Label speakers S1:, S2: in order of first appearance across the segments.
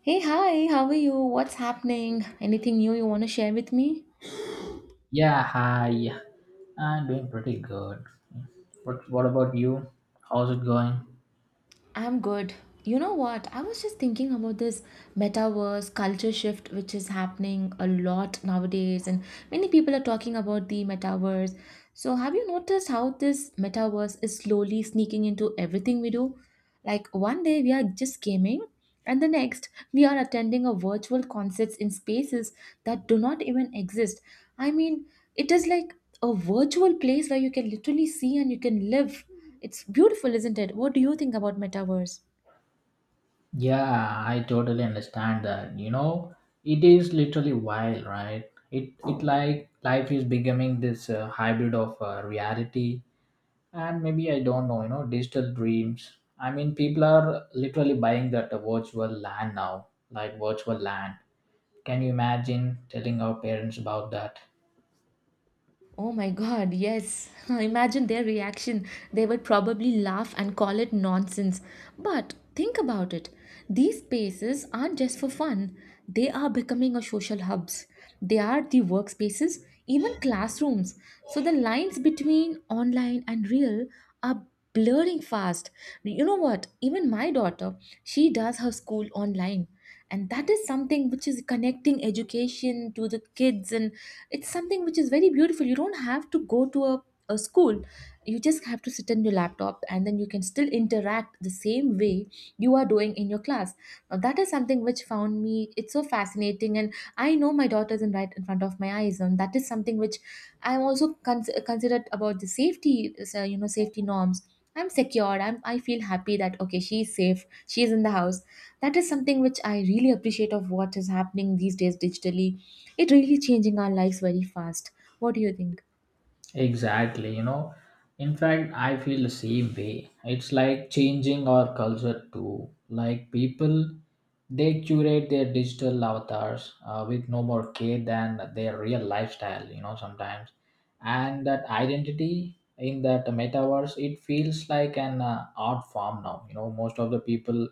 S1: Hey, hi, how are you? What's happening? Anything new you want to share with me?
S2: Yeah, hi. I'm doing pretty good. What about you? How's it going?
S1: I'm good. You know what? I was just thinking about this metaverse culture shift, which is happening a lot nowadays, and many people are talking about the metaverse. So, have you noticed how this metaverse is slowly sneaking into everything we do? Like, one day we are just gaming, and the next we are attending a virtual concerts in spaces that do not even exist. I mean, it is like a virtual place where you can literally see and you can live, it's beautiful, isn't it? What do you think about metaverse?
S2: Yeah, I totally understand that. You know, it is literally wild, right? It like life is becoming this hybrid of reality and maybe I don't know, you know, digital dreams. I mean, people are literally buying that virtual land now, like virtual land. Can you imagine telling our parents about that?
S1: Oh my god, yes. Imagine their reaction. They would probably laugh and call it nonsense. But think about it. These spaces aren't just for fun. They are becoming a social hubs. They are the workspaces, even classrooms. So the lines between online and real are blurring fast. You know what? Even my daughter, she does her school online. And that is something which is connecting education to the kids, and it's something which is very beautiful. You don't have to go to a school, you just have to sit on your laptop, and then you can still interact the same way you are doing in your class. Now that is something which found me it's so fascinating. And I know my daughter isn't right in front of my eyes, and that is something which I'm also considered about the safety, so, you know, safety norms. I'm secured. I feel happy that okay, she's safe. She's in the house. That is something which I really appreciate of what is happening these days digitally. It really changing our lives very fast. What do you think?
S2: Exactly, you know. In fact, I feel the same way. It's like changing our culture too. Like people, they curate their digital avatars with no more care than their real lifestyle, you know, sometimes. And that identity in that metaverse, it feels like an art form now. You know, most of the people,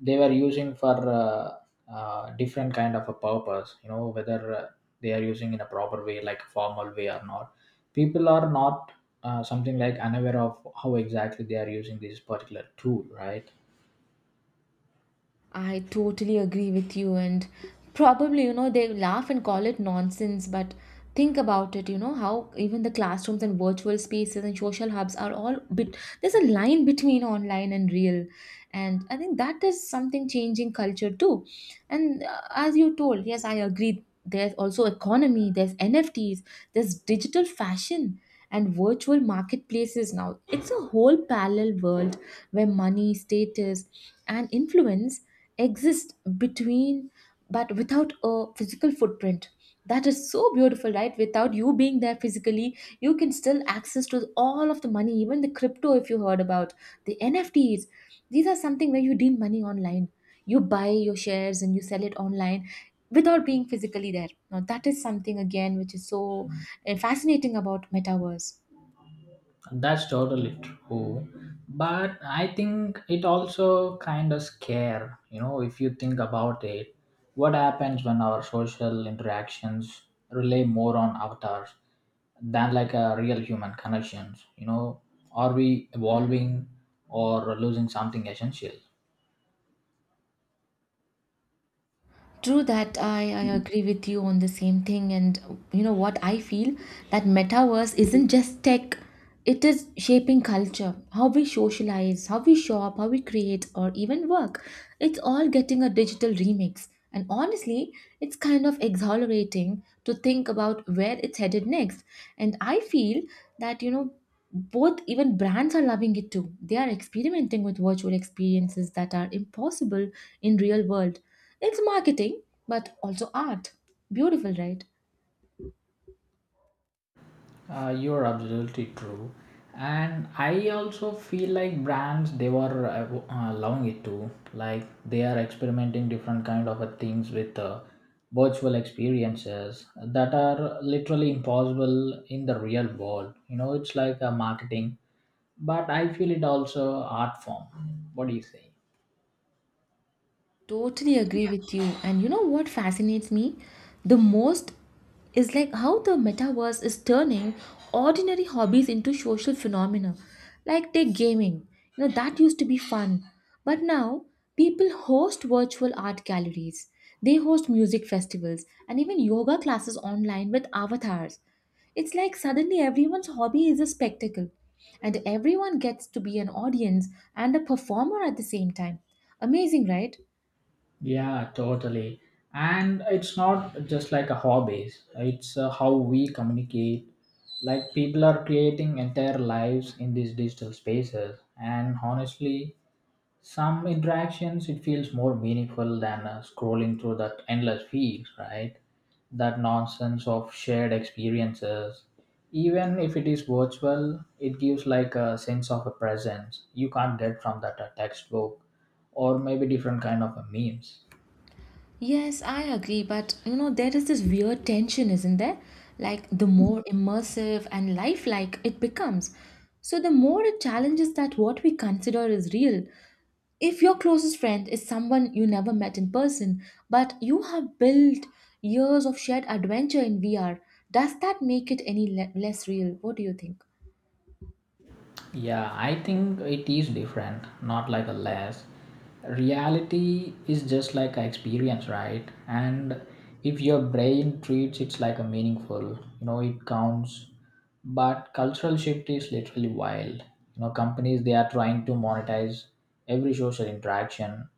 S2: they were using for different kind of a purpose, you know, whether they are using in a proper way, like a formal way or not, people are not something like unaware of how exactly they are using this particular tool, right?
S1: I totally agree with you, and probably, you know, they laugh and call it nonsense, but think about it, you know, how even the classrooms and virtual spaces and social hubs are all bit, there's a line between online and real. And I think that is something changing culture too. And as you told, yes, I agree. There's also economy, there's NFTs, there's digital fashion and virtual marketplaces now. It's a whole parallel world where money, status, and influence exist between, but without a physical footprint. That is so beautiful, right? Without you being there physically, you can still access to all of the money, even the crypto, if you heard about the nfts. These are something where you deal money online, you buy your shares and you sell it online without being physically there. Now that is something again which is so fascinating about metaverse.
S2: That's totally true, but I think it also kind of scare, you know, if you think about it, what happens when our social interactions rely more on avatars than like a real human connections, you know? Are we evolving or losing something essential?
S1: True that. I agree with you on the same thing. And you know what I feel, that metaverse isn't just tech, it is shaping culture, how we socialize, how we shop, how we create, or even work. It's all getting a digital remix, and honestly, it's kind of exhilarating to think about where it's headed next. And I feel that, you know, both even brands are loving it too, they are experimenting with virtual experiences that are impossible in real world. It's marketing, but also art. Beautiful, right?
S2: You're absolutely true, and I also feel like brands they were allowing it to like they are experimenting different kind of things with virtual experiences that are literally impossible in the real world. You know, it's like a marketing, but I feel it also art form. What do you think?
S1: Totally agree with you. And you know what fascinates me the most is like how the metaverse is turning ordinary hobbies into social phenomena. Like take gaming. You know, that used to be fun. But now people host virtual art galleries. They host music festivals and even yoga classes online with avatars. It's like suddenly everyone's hobby is a spectacle, and everyone gets to be an audience and a performer at the same time. Amazing, right?
S2: Yeah, totally. And it's not just like a hobby, it's how we communicate. Like people are creating entire lives in these digital spaces, and honestly, some interactions it feels more meaningful than scrolling through that endless feed, right? That nonsense of shared experiences. Even if it is virtual, it gives like a sense of a presence you can't get from that textbook or maybe different kind of memes.
S1: Yes, I agree, but you know, there is this weird tension, isn't there? Like, the more immersive and lifelike it becomes. So, the more it challenges that what we consider is real. If your closest friend is someone you never met in person, but you have built years of shared adventure in VR, does that make it any less real? What do you think?
S2: Yeah, I think it is different, not like a less. Reality is just like an experience, right? And if your brain treats it like a meaningful, you know, it counts. But cultural shift is literally wild. You know, companies they are trying to monetize every social interaction.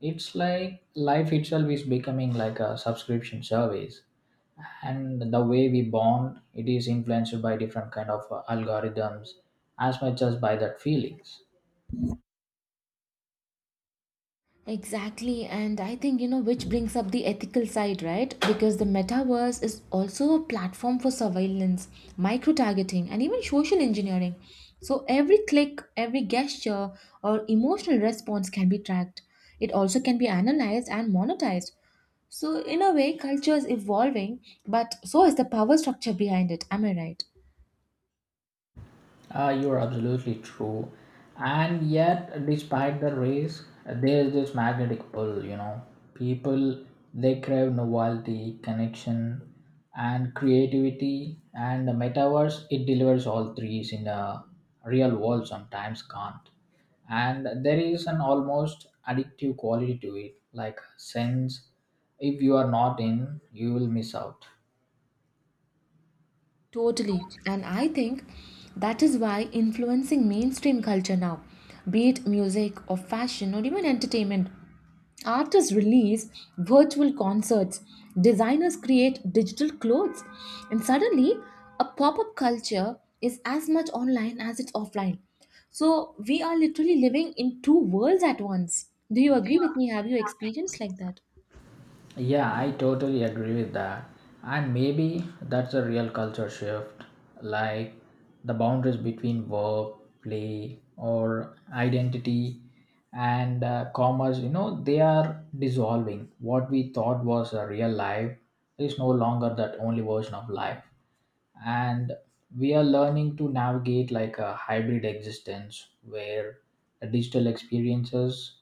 S2: It's like life itself is becoming like a subscription service and the way we bond it is influenced by different kind of algorithms as much as by that feelings.
S1: Exactly, and I think, you know, which brings up the ethical side, right? Because the metaverse is also a platform for surveillance, micro targeting, and even social engineering. So every click, every gesture, or emotional response can be tracked. It also can be analyzed and monetized. So, in a way, culture is evolving, but so is the power structure behind it. Am I right?
S2: You are absolutely true. And yet, despite the race, there is this magnetic pull, you know. People, they crave novelty, connection, and creativity. And the metaverse, it delivers all threes in the real world, sometimes can't. And there is an almost addictive quality to it, like sense if you are not in, you will miss out.
S1: Totally. And I think that is why influencing mainstream culture now, be it music or fashion or even entertainment, artists release virtual concerts, designers create digital clothes, and suddenly a pop up culture is as much online as it's offline. So we are literally living in two worlds at once. Do you agree with me? Have you experienced like that?
S2: Yeah, I totally agree with that. And maybe that's a real culture shift, like the boundaries between work, play, or identity and commerce, you know, they are dissolving. What we thought was a real life is no longer that only version of life. And we are learning to navigate like a hybrid existence where the digital experiences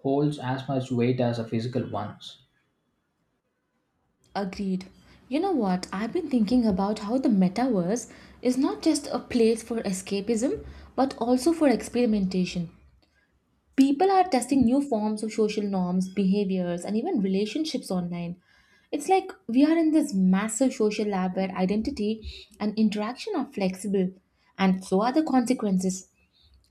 S2: holds as much weight as the physical ones.
S1: Agreed. You know what? I've been thinking about how the metaverse is not just a place for escapism, but also for experimentation. People are testing new forms of social norms, behaviors, and even relationships online. It's like we are in this massive social lab where identity and interaction are flexible, and so are the consequences.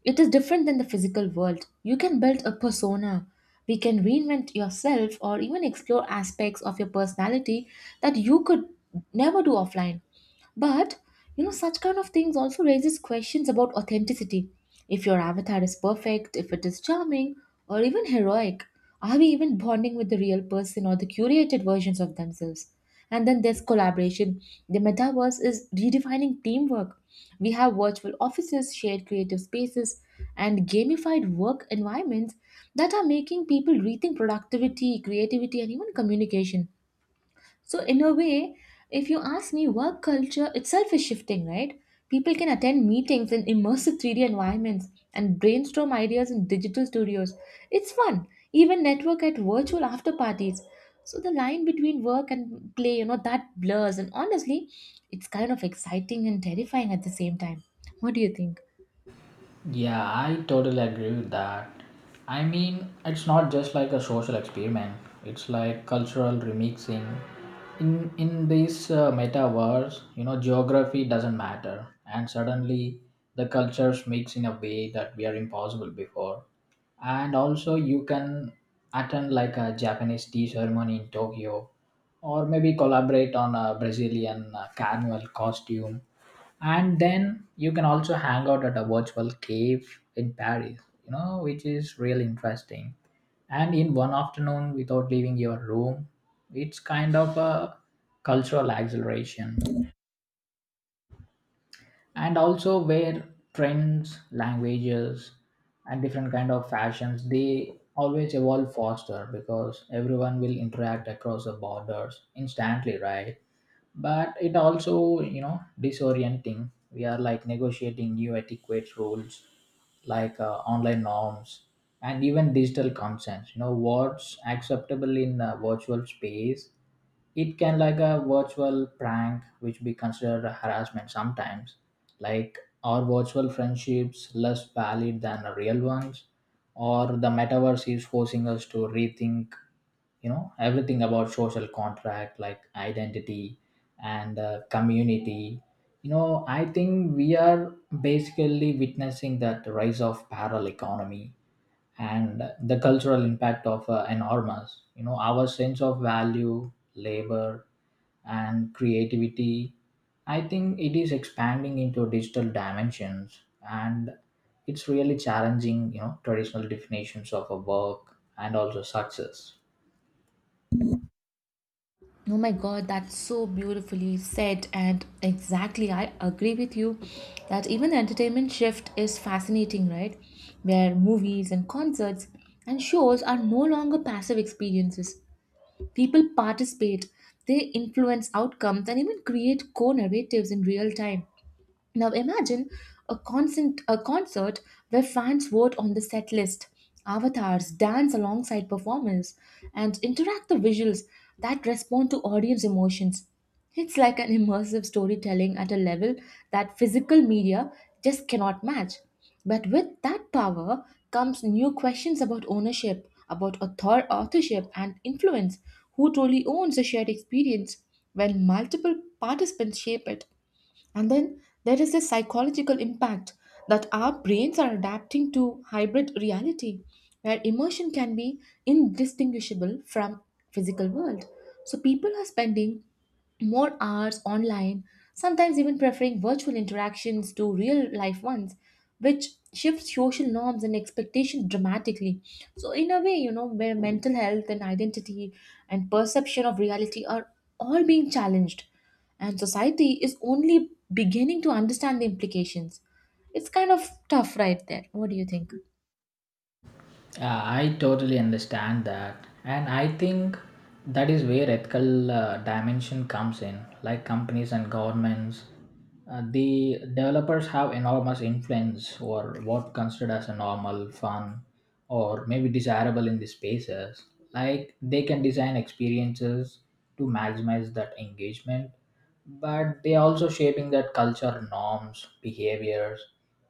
S1: It is different than the physical world. You can build a persona. We can reinvent yourself or even explore aspects of your personality that you could never do offline. But you know, such kind of things also raises questions about authenticity. If your avatar is perfect, if it is charming, or even heroic. Are we even bonding with the real person or the curated versions of themselves? And then there's collaboration. The metaverse is redefining teamwork. We have virtual offices, shared creative spaces, and gamified work environments that are making people rethink productivity, creativity, and even communication. So, in a way, if you ask me, work culture itself is shifting, right? People can attend meetings in immersive 3D environments and brainstorm ideas in digital studios. It's fun. Even network at virtual after parties. So the line between work and play, you know, that blurs. And honestly, it's kind of exciting and terrifying at the same time. What do you think?
S2: Yeah, I totally agree with that. I mean, it's not just like a social experiment, it's like cultural remixing. In this metaverse, you know, geography doesn't matter, and suddenly the cultures mix in a way that were impossible before. And also, you can attend like a Japanese tea ceremony in Tokyo, or maybe collaborate on a Brazilian carnival costume, and then you can also hang out at a virtual cave in Paris, you know, which is really interesting, and in one afternoon without leaving your room. It's kind of a cultural acceleration, and also where trends, languages, and different kind of fashions they always evolve faster because everyone will interact across the borders instantly, right? But it also, you know, disorienting. We are like negotiating new etiquette rules like online norms and even digital consents. You know, what's acceptable in a virtual space? It can like a virtual prank which be considered a harassment sometimes. Like, our virtual friendships less valid than the real ones? Or the metaverse is forcing us to rethink, you know, everything about social contract like identity and community. You know, I think we are basically witnessing that rise of parallel economy, and the cultural impact of enormous. You know, our sense of value, labor, and creativity, I think it is expanding into digital dimensions, and it's really challenging, you know, traditional definitions of a work and also success.
S1: Oh my god, that's so beautifully said, and exactly, I agree with you that even entertainment shift is fascinating, right? Where movies and concerts and shows are no longer passive experiences. People participate, they influence outcomes, and even create co narratives in real time. Now imagine a concert where fans vote on the set list, avatars dance alongside performers, and interact the visuals that respond to audience emotions. It's like an immersive storytelling at a level that physical media just cannot match. But with that power comes new questions about ownership, about authorship, and influence. Who truly owns a shared experience when multiple participants shape it? And then there is this psychological impact that our brains are adapting to hybrid reality, where emotion can be indistinguishable from physical world. So people are spending more hours online, sometimes even preferring virtual interactions to real life ones, which shifts social norms and expectations dramatically. So, in a way, you know, where mental health and identity and perception of reality are all being challenged, and society is only beginning to understand the implications. It's kind of tough right there. What do you think?
S2: Yeah, I totally understand that. And I think that is where ethical dimension comes in. Like companies and governments, the developers have enormous influence over what considered as a normal, fun, or maybe desirable in the spaces. Like they can design experiences to maximize that engagement, but they are also shaping that culture, norms, behaviors,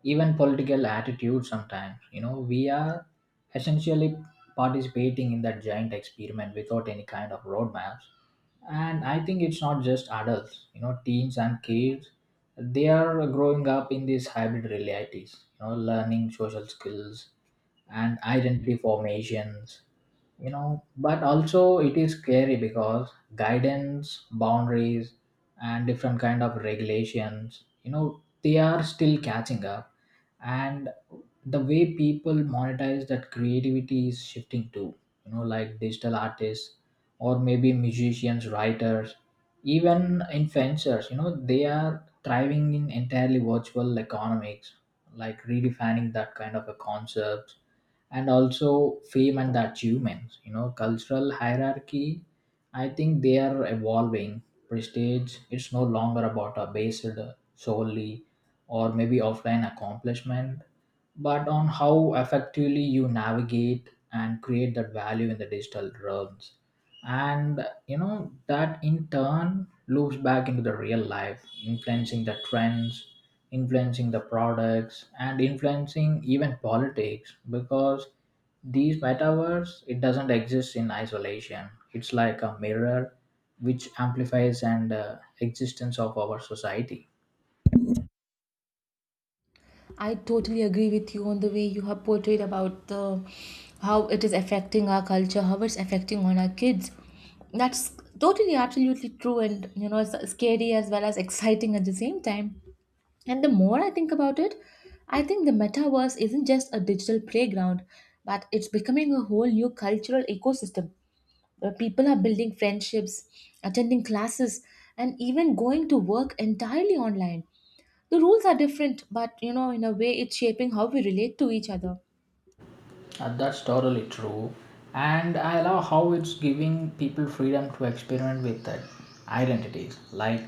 S2: even political attitudes sometimes. You know, we are essentially participating in that giant experiment without any kind of roadmaps. And I think it's not just adults, you know, teens and kids, they are growing up in these hybrid realities, you know, learning social skills and identity formations. You know, but also it is scary because guidance, boundaries, and different kind of regulations, you know, they are still catching up. And the way people monetize that creativity is shifting too. You know, like digital artists or maybe musicians, writers, even influencers, you know, they are thriving in entirely virtual economics, like redefining that kind of a concept. And also fame and the achievements, you know, cultural hierarchy, I think they are evolving. Prestige, it's no longer about a based solely or maybe offline accomplishment, but on how effectively you navigate and create that value in the digital realms. And you know, that in turn loops back into the real life, influencing the trends, influencing the products, and influencing even politics, because these metaverse it doesn't exist in isolation. It's like a mirror which amplifies and existence of our society.
S1: I totally agree with you on the way you have portrayed about the how it is affecting our culture, how it's affecting on our kids. That's totally absolutely true, and you know it's scary as well as exciting at the same time. And the more I think about it, I think the metaverse isn't just a digital playground, but it's becoming a whole new cultural ecosystem where people are building friendships, attending classes, and even going to work entirely online. The rules are different, but you know, in a way, it's shaping how we relate to each other.
S2: That's totally true. And I love how it's giving people freedom to experiment with that identities. Like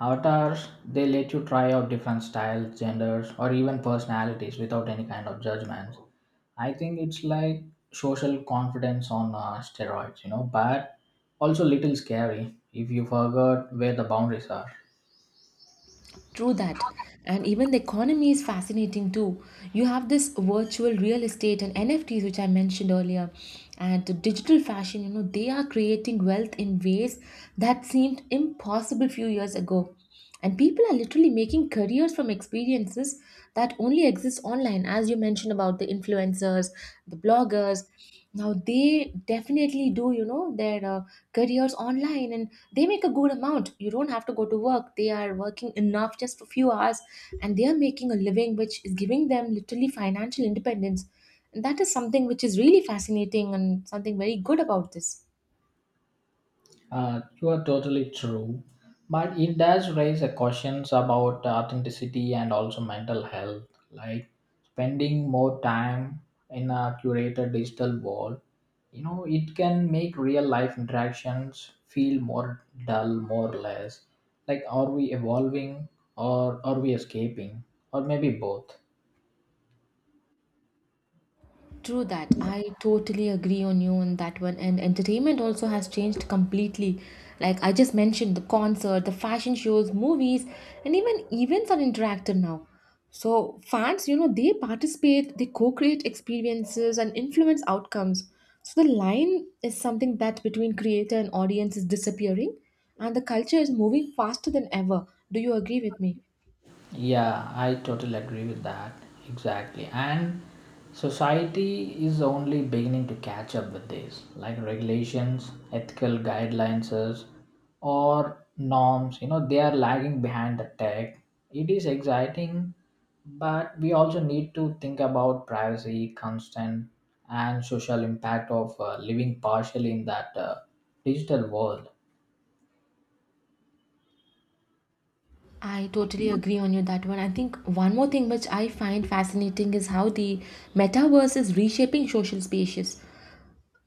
S2: avatars, they let you try out different styles, genders, or even personalities without any kind of judgments. I think it's like social confidence on steroids, you know, but also little scary if you forgot where the boundaries are.
S1: True that. And even the economy is fascinating too. You have this virtual real estate and NFTs, which I mentioned earlier, and the digital fashion, you know, they are creating wealth in ways that seemed impossible few years ago. And people are literally making careers from experiences that only exist online, as you mentioned about the influencers, the bloggers. Now they definitely do, you know, their careers online, and they make a good amount. You don't have to go to work, they are working enough just for few hours, and they are making a living which is giving them literally financial independence. And that is something which is really fascinating and something very good about this.
S2: You are totally true, but it does raise a questions about authenticity and also mental health. Like spending more time in a curated digital world, you know, it can make real life interactions feel more dull, more less. Like, are we evolving or are we escaping, or maybe both?
S1: True that. I totally agree on you on that one. And entertainment also has changed completely. Like I just mentioned, the concert, the fashion shows, movies, and even events are interactive now. So fans, you know, they participate, they co-create experiences and influence outcomes. So the line is something that between creator and audience is disappearing, and the culture is moving faster than ever. Do you agree with me?
S2: Yeah, I totally agree with that. Exactly. And society is only beginning to catch up with this, like regulations, ethical guidelines, or norms. You know, they are lagging behind the tech. It is exciting, but we also need to think about privacy, consent, and social impact of living partially in that digital world.
S1: I totally agree on you that one. I think one more thing which I find fascinating is how the metaverse is reshaping social spaces.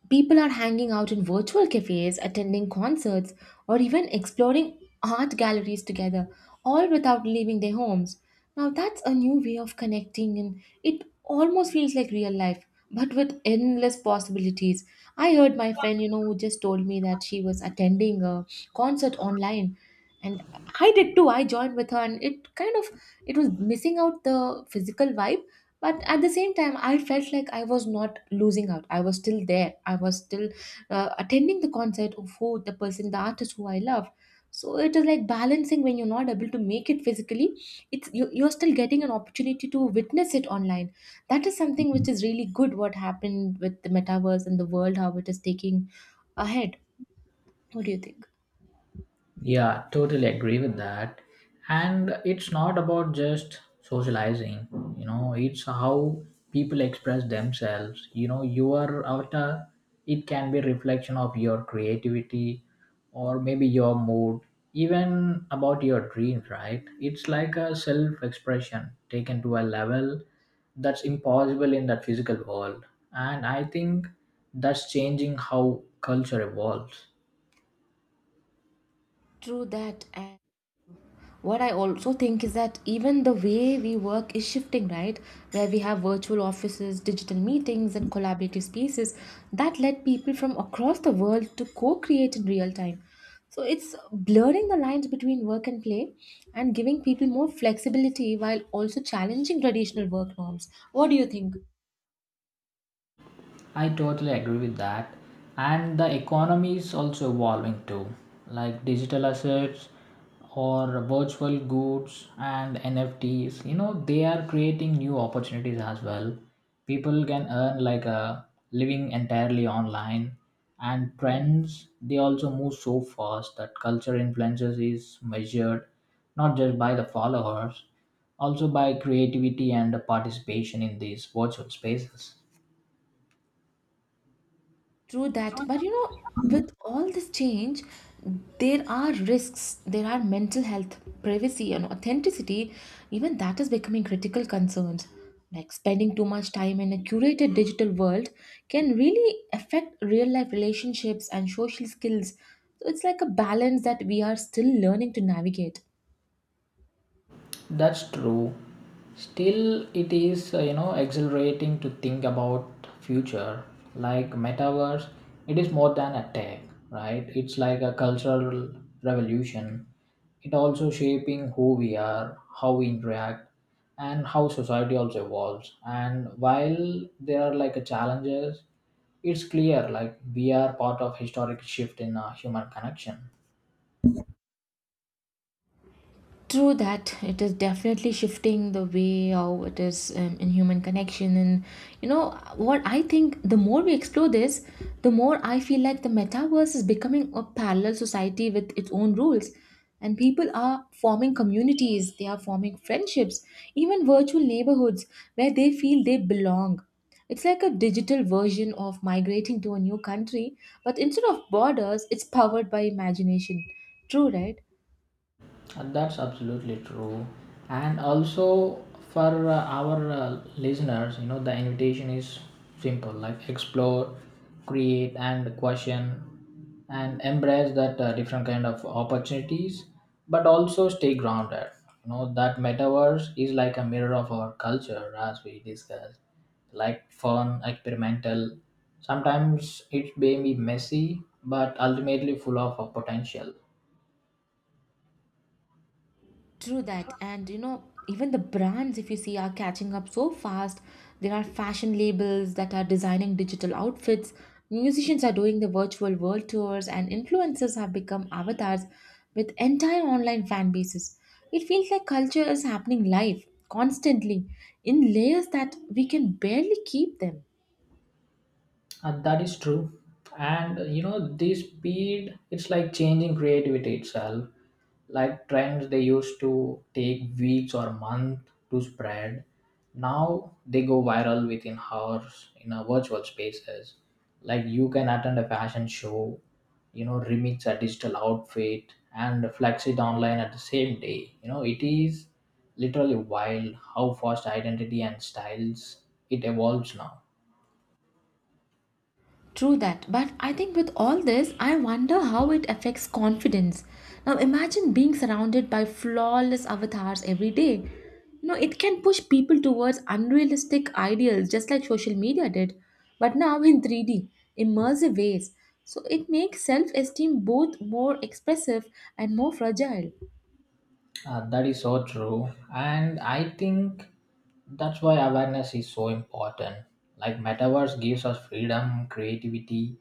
S1: People are hanging out in virtual cafes, attending concerts, or even exploring art galleries together, all without leaving their homes. Now, that's a new way of connecting, and it almost feels like real life, but with endless possibilities. I heard my friend, who just told me that she was attending a concert online. And I did too. I joined with her, and it kind of it was missing out the physical vibe, but at the same time, I felt like I was not losing out. I was still there. I was still attending the concert of who the person the artist who I love. So it is like balancing. When you're not able to make it physically, you're still getting an opportunity to witness it online. That is something which is really good, what happened with the metaverse and the world, how it is taking ahead. What do you think?
S2: Yeah, totally agree with that. And it's not about just socializing, you know, it's how people express themselves. You know, your avatar, it can be reflection of your creativity or maybe your mood, even about your dreams, right? It's like a self expression taken to a level that's impossible in that physical world. And I think that's changing how culture evolves.
S1: True that. And what I also think is that even the way we work is shifting, right? Where we have virtual offices, digital meetings, and collaborative spaces that let people from across the world to co-create in real time. So it's blurring the lines between work and play, and giving people more flexibility while also challenging traditional work norms. What do you think?
S2: I totally agree with that. And the economy is also evolving too, like digital assets or virtual goods and NFTs. You know, they are creating new opportunities as well. People can earn like a living entirely online, and trends they also move so fast that culture influences is measured not just by the followers, also by creativity and the participation in these virtual spaces.
S1: True that, but you know, with all this change, there are risks. There are mental health, privacy, and authenticity. Even that is becoming critical concerns. Like spending too much time in a curated digital world can really affect real life relationships and social skills. So it's like a balance that we are still learning to navigate.
S2: That's true. Still, it is you know, exhilarating to think about future like metaverse. It is more than a tech, right? It's like a cultural revolution. It also shaping who we are, how we interact, and how society also evolves. And while there are like a challenges, it's clear like we are part of historic shift in human connection.
S1: True that. It is definitely shifting the way how it is, in human connection, and you know what I think. The more we explore this, the more I feel like the metaverse is becoming a parallel society with its own rules, and people are forming communities. They are forming friendships, even virtual neighborhoods where they feel they belong. It's like a digital version of migrating to a new country, but instead of borders, it's powered by imagination. True, right?
S2: And that's absolutely true. And also for our listeners, you know, the invitation is simple like explore, create, and question, and embrace that different kind of opportunities, but also stay grounded. You know, that metaverse is like a mirror of our culture, as we discussed, like fun, experimental. Sometimes it may be messy, but ultimately full of potential.
S1: True that, and you know, even the brands, if you see, are catching up so fast. There are fashion labels that are designing digital outfits, musicians are doing the virtual world tours, and influencers have become avatars with entire online fan bases. It feels like culture is happening live, constantly, in layers that we can barely keep them.
S2: That is true. And you know, this speed, it's like changing creativity itself. Like trends they used to take weeks or months to spread. Now they go viral within hours in a virtual spaces. Like you can attend a fashion show, you know, remix a digital outfit and flex it online at the same day. You know, it is literally wild how fast identity and styles it evolves now.
S1: True that. But I think with all this, I wonder how it affects confidence. Now imagine being surrounded by flawless avatars every day. You know, it can push people towards unrealistic ideals, just like social media did, but now in 3D, immersive ways. So it makes self esteem both more expressive and more fragile.
S2: That is so true. And I think that's why awareness is so important. Like, metaverse gives us freedom, creativity,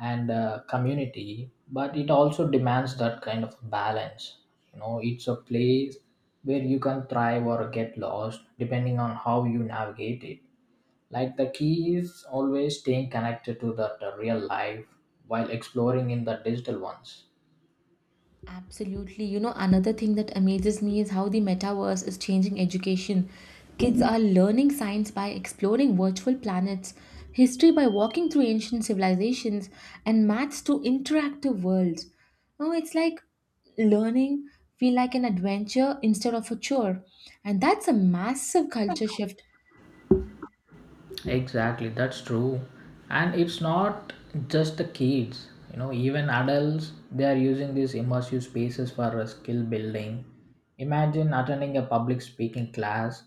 S2: and community, but it also demands that kind of balance. You know, it's a place where you can thrive or get lost depending on how you navigate it. Like, the key is always staying connected to the real life while exploring in the digital ones.
S1: Absolutely. You know, another thing that amazes me is how the metaverse is changing education. Kids are learning science by exploring virtual planets, history by walking through ancient civilizations, and maths through interactive worlds. Now it's like learning feel like an adventure instead of a chore. And that's a massive culture shift.
S2: Exactly, that's true. And it's not just the kids, you know, even adults, they are using these immersive spaces for skill building. Imagine attending a public speaking class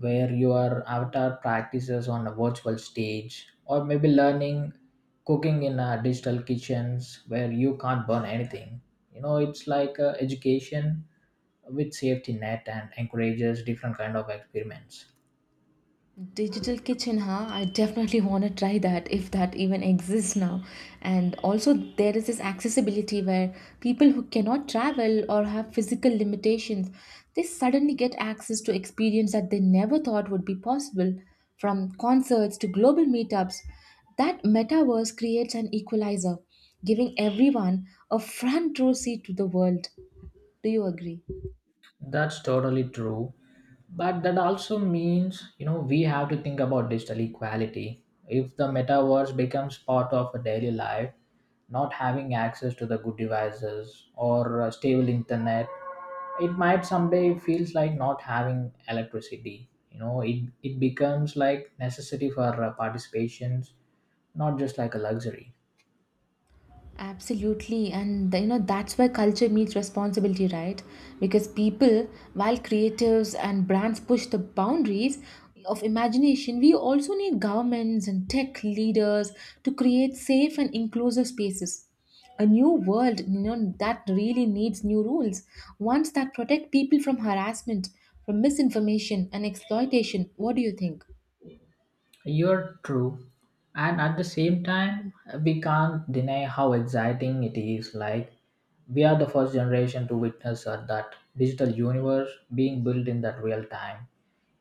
S2: where your avatar practices on a virtual stage, or maybe learning cooking in digital kitchens where you can't burn anything. You know, it's like education with safety net and encourages different kind of experiments.
S1: Digital kitchen, huh? I definitely want to try that if that even exists now. And also, there is this accessibility where people who cannot travel or have physical limitations, they suddenly get access to experience that they never thought would be possible, from concerts to global meetups. That metaverse creates an equalizer, giving everyone a front row seat to the world. Do you agree?
S2: That's totally true. But that also means, you know, we have to think about digital equality. If the metaverse becomes part of a daily life, not having access to the good devices or a stable internet, it might someday feels like not having electricity. You know, it becomes like necessity for participations, not just like a luxury.
S1: Absolutely, and you know, that's why culture meets responsibility, right? Because people, while creatives and brands push the boundaries of imagination, we also need governments and tech leaders to create safe and inclusive spaces. A new world, you know, that really needs new rules, ones that protect people from harassment, from misinformation and exploitation. What do you think?
S2: You're true. And at the same time, we can't deny how exciting it is. Like, we are the first generation to witness that digital universe being built in that real time.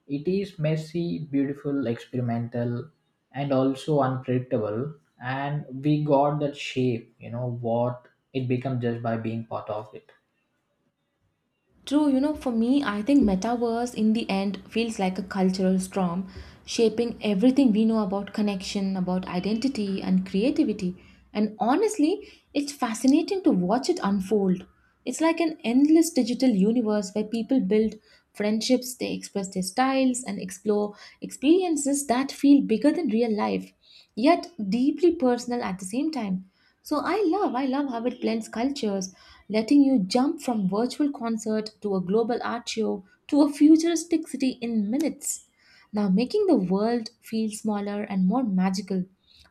S2: It is messy, beautiful, experimental, and also unpredictable. And we got that shape, you know, what it becomes just by being part of it.
S1: True, you know, for me, I think metaverse in the end feels like a cultural storm, shaping everything we know about connection, about identity, and creativity. And honestly, it's fascinating to watch it unfold. It's like an endless digital universe where people build friendships, they express their styles, and explore experiences that feel bigger than real life yet deeply personal at the same time. So I love how it blends cultures, letting you jump from virtual concert to a global art show to a futuristic city in minutes. Now making the world feel smaller and more magical.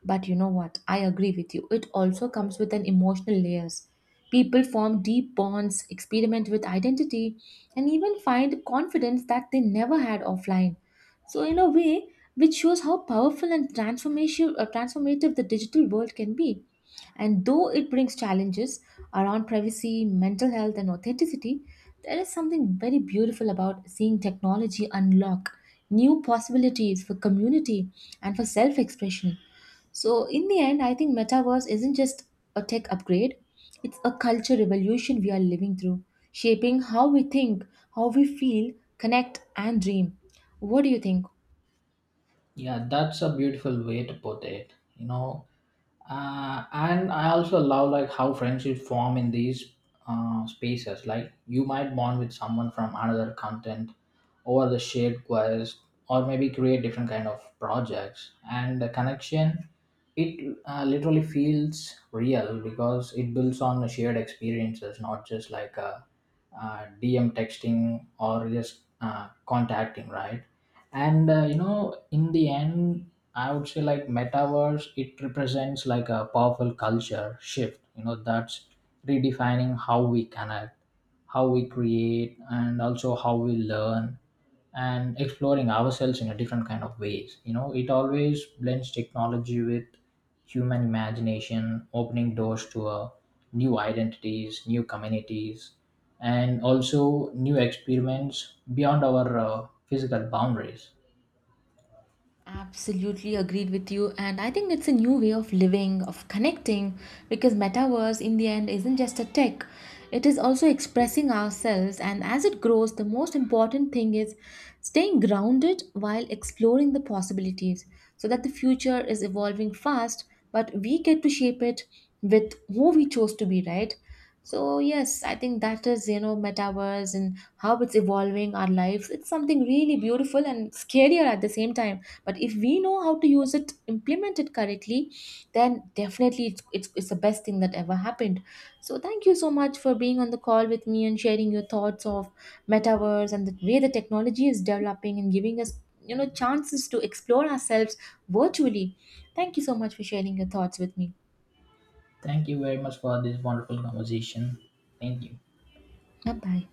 S1: But you know what? I agree with you. It also comes with an emotional layers. People form deep bonds, experiment with identity, and even find confidence that they never had offline. So in a way, which shows how powerful and transformative, transformative the digital world can be. And though it brings challenges around privacy, mental health, and authenticity, there is something very beautiful about seeing technology unlock new possibilities for community and for self expression. So, in the end, I think metaverse isn't just a tech upgrade, it's a culture revolution we are living through, shaping how we think, how we feel, connect, and dream. What do you think?
S2: Yeah, that's a beautiful way to put it. You know, and I also love like how friendships form in these spaces. Like you might bond with someone from another content, or the shared quest, or maybe create different kind of projects. And the connection, it literally feels real because it builds on the shared experiences, not just like a, DM texting or just contacting, right? And you know, in the end, I would say like metaverse it represents like a powerful culture shift, you know, that's redefining how we connect, how we create, and also how we learn, and exploring ourselves in a different kind of ways. You know, it always blends technology with human imagination, opening doors to new identities, new communities, and also new experiments beyond our physical boundaries.
S1: Absolutely agreed with you. And I think it's a new way of living, of connecting, because metaverse in the end isn't just a tech, it is also expressing ourselves. And as it grows, the most important thing is staying grounded while exploring the possibilities, so that the future is evolving fast, but we get to shape it with who we chose to be, right? So, yes, I think that is, you know, metaverse and how it's evolving our lives. It's something really beautiful and scarier at the same time, but if we know how to use it, implement it correctly, then definitely it's the best thing that ever happened. So thank you so much for being on the call with me and sharing your thoughts of metaverse and the way the technology is developing and giving us, you know, chances to explore ourselves virtually. Thank you so much for sharing your thoughts with me.
S2: Thank you very much for this wonderful conversation. Thank you.
S1: Bye bye.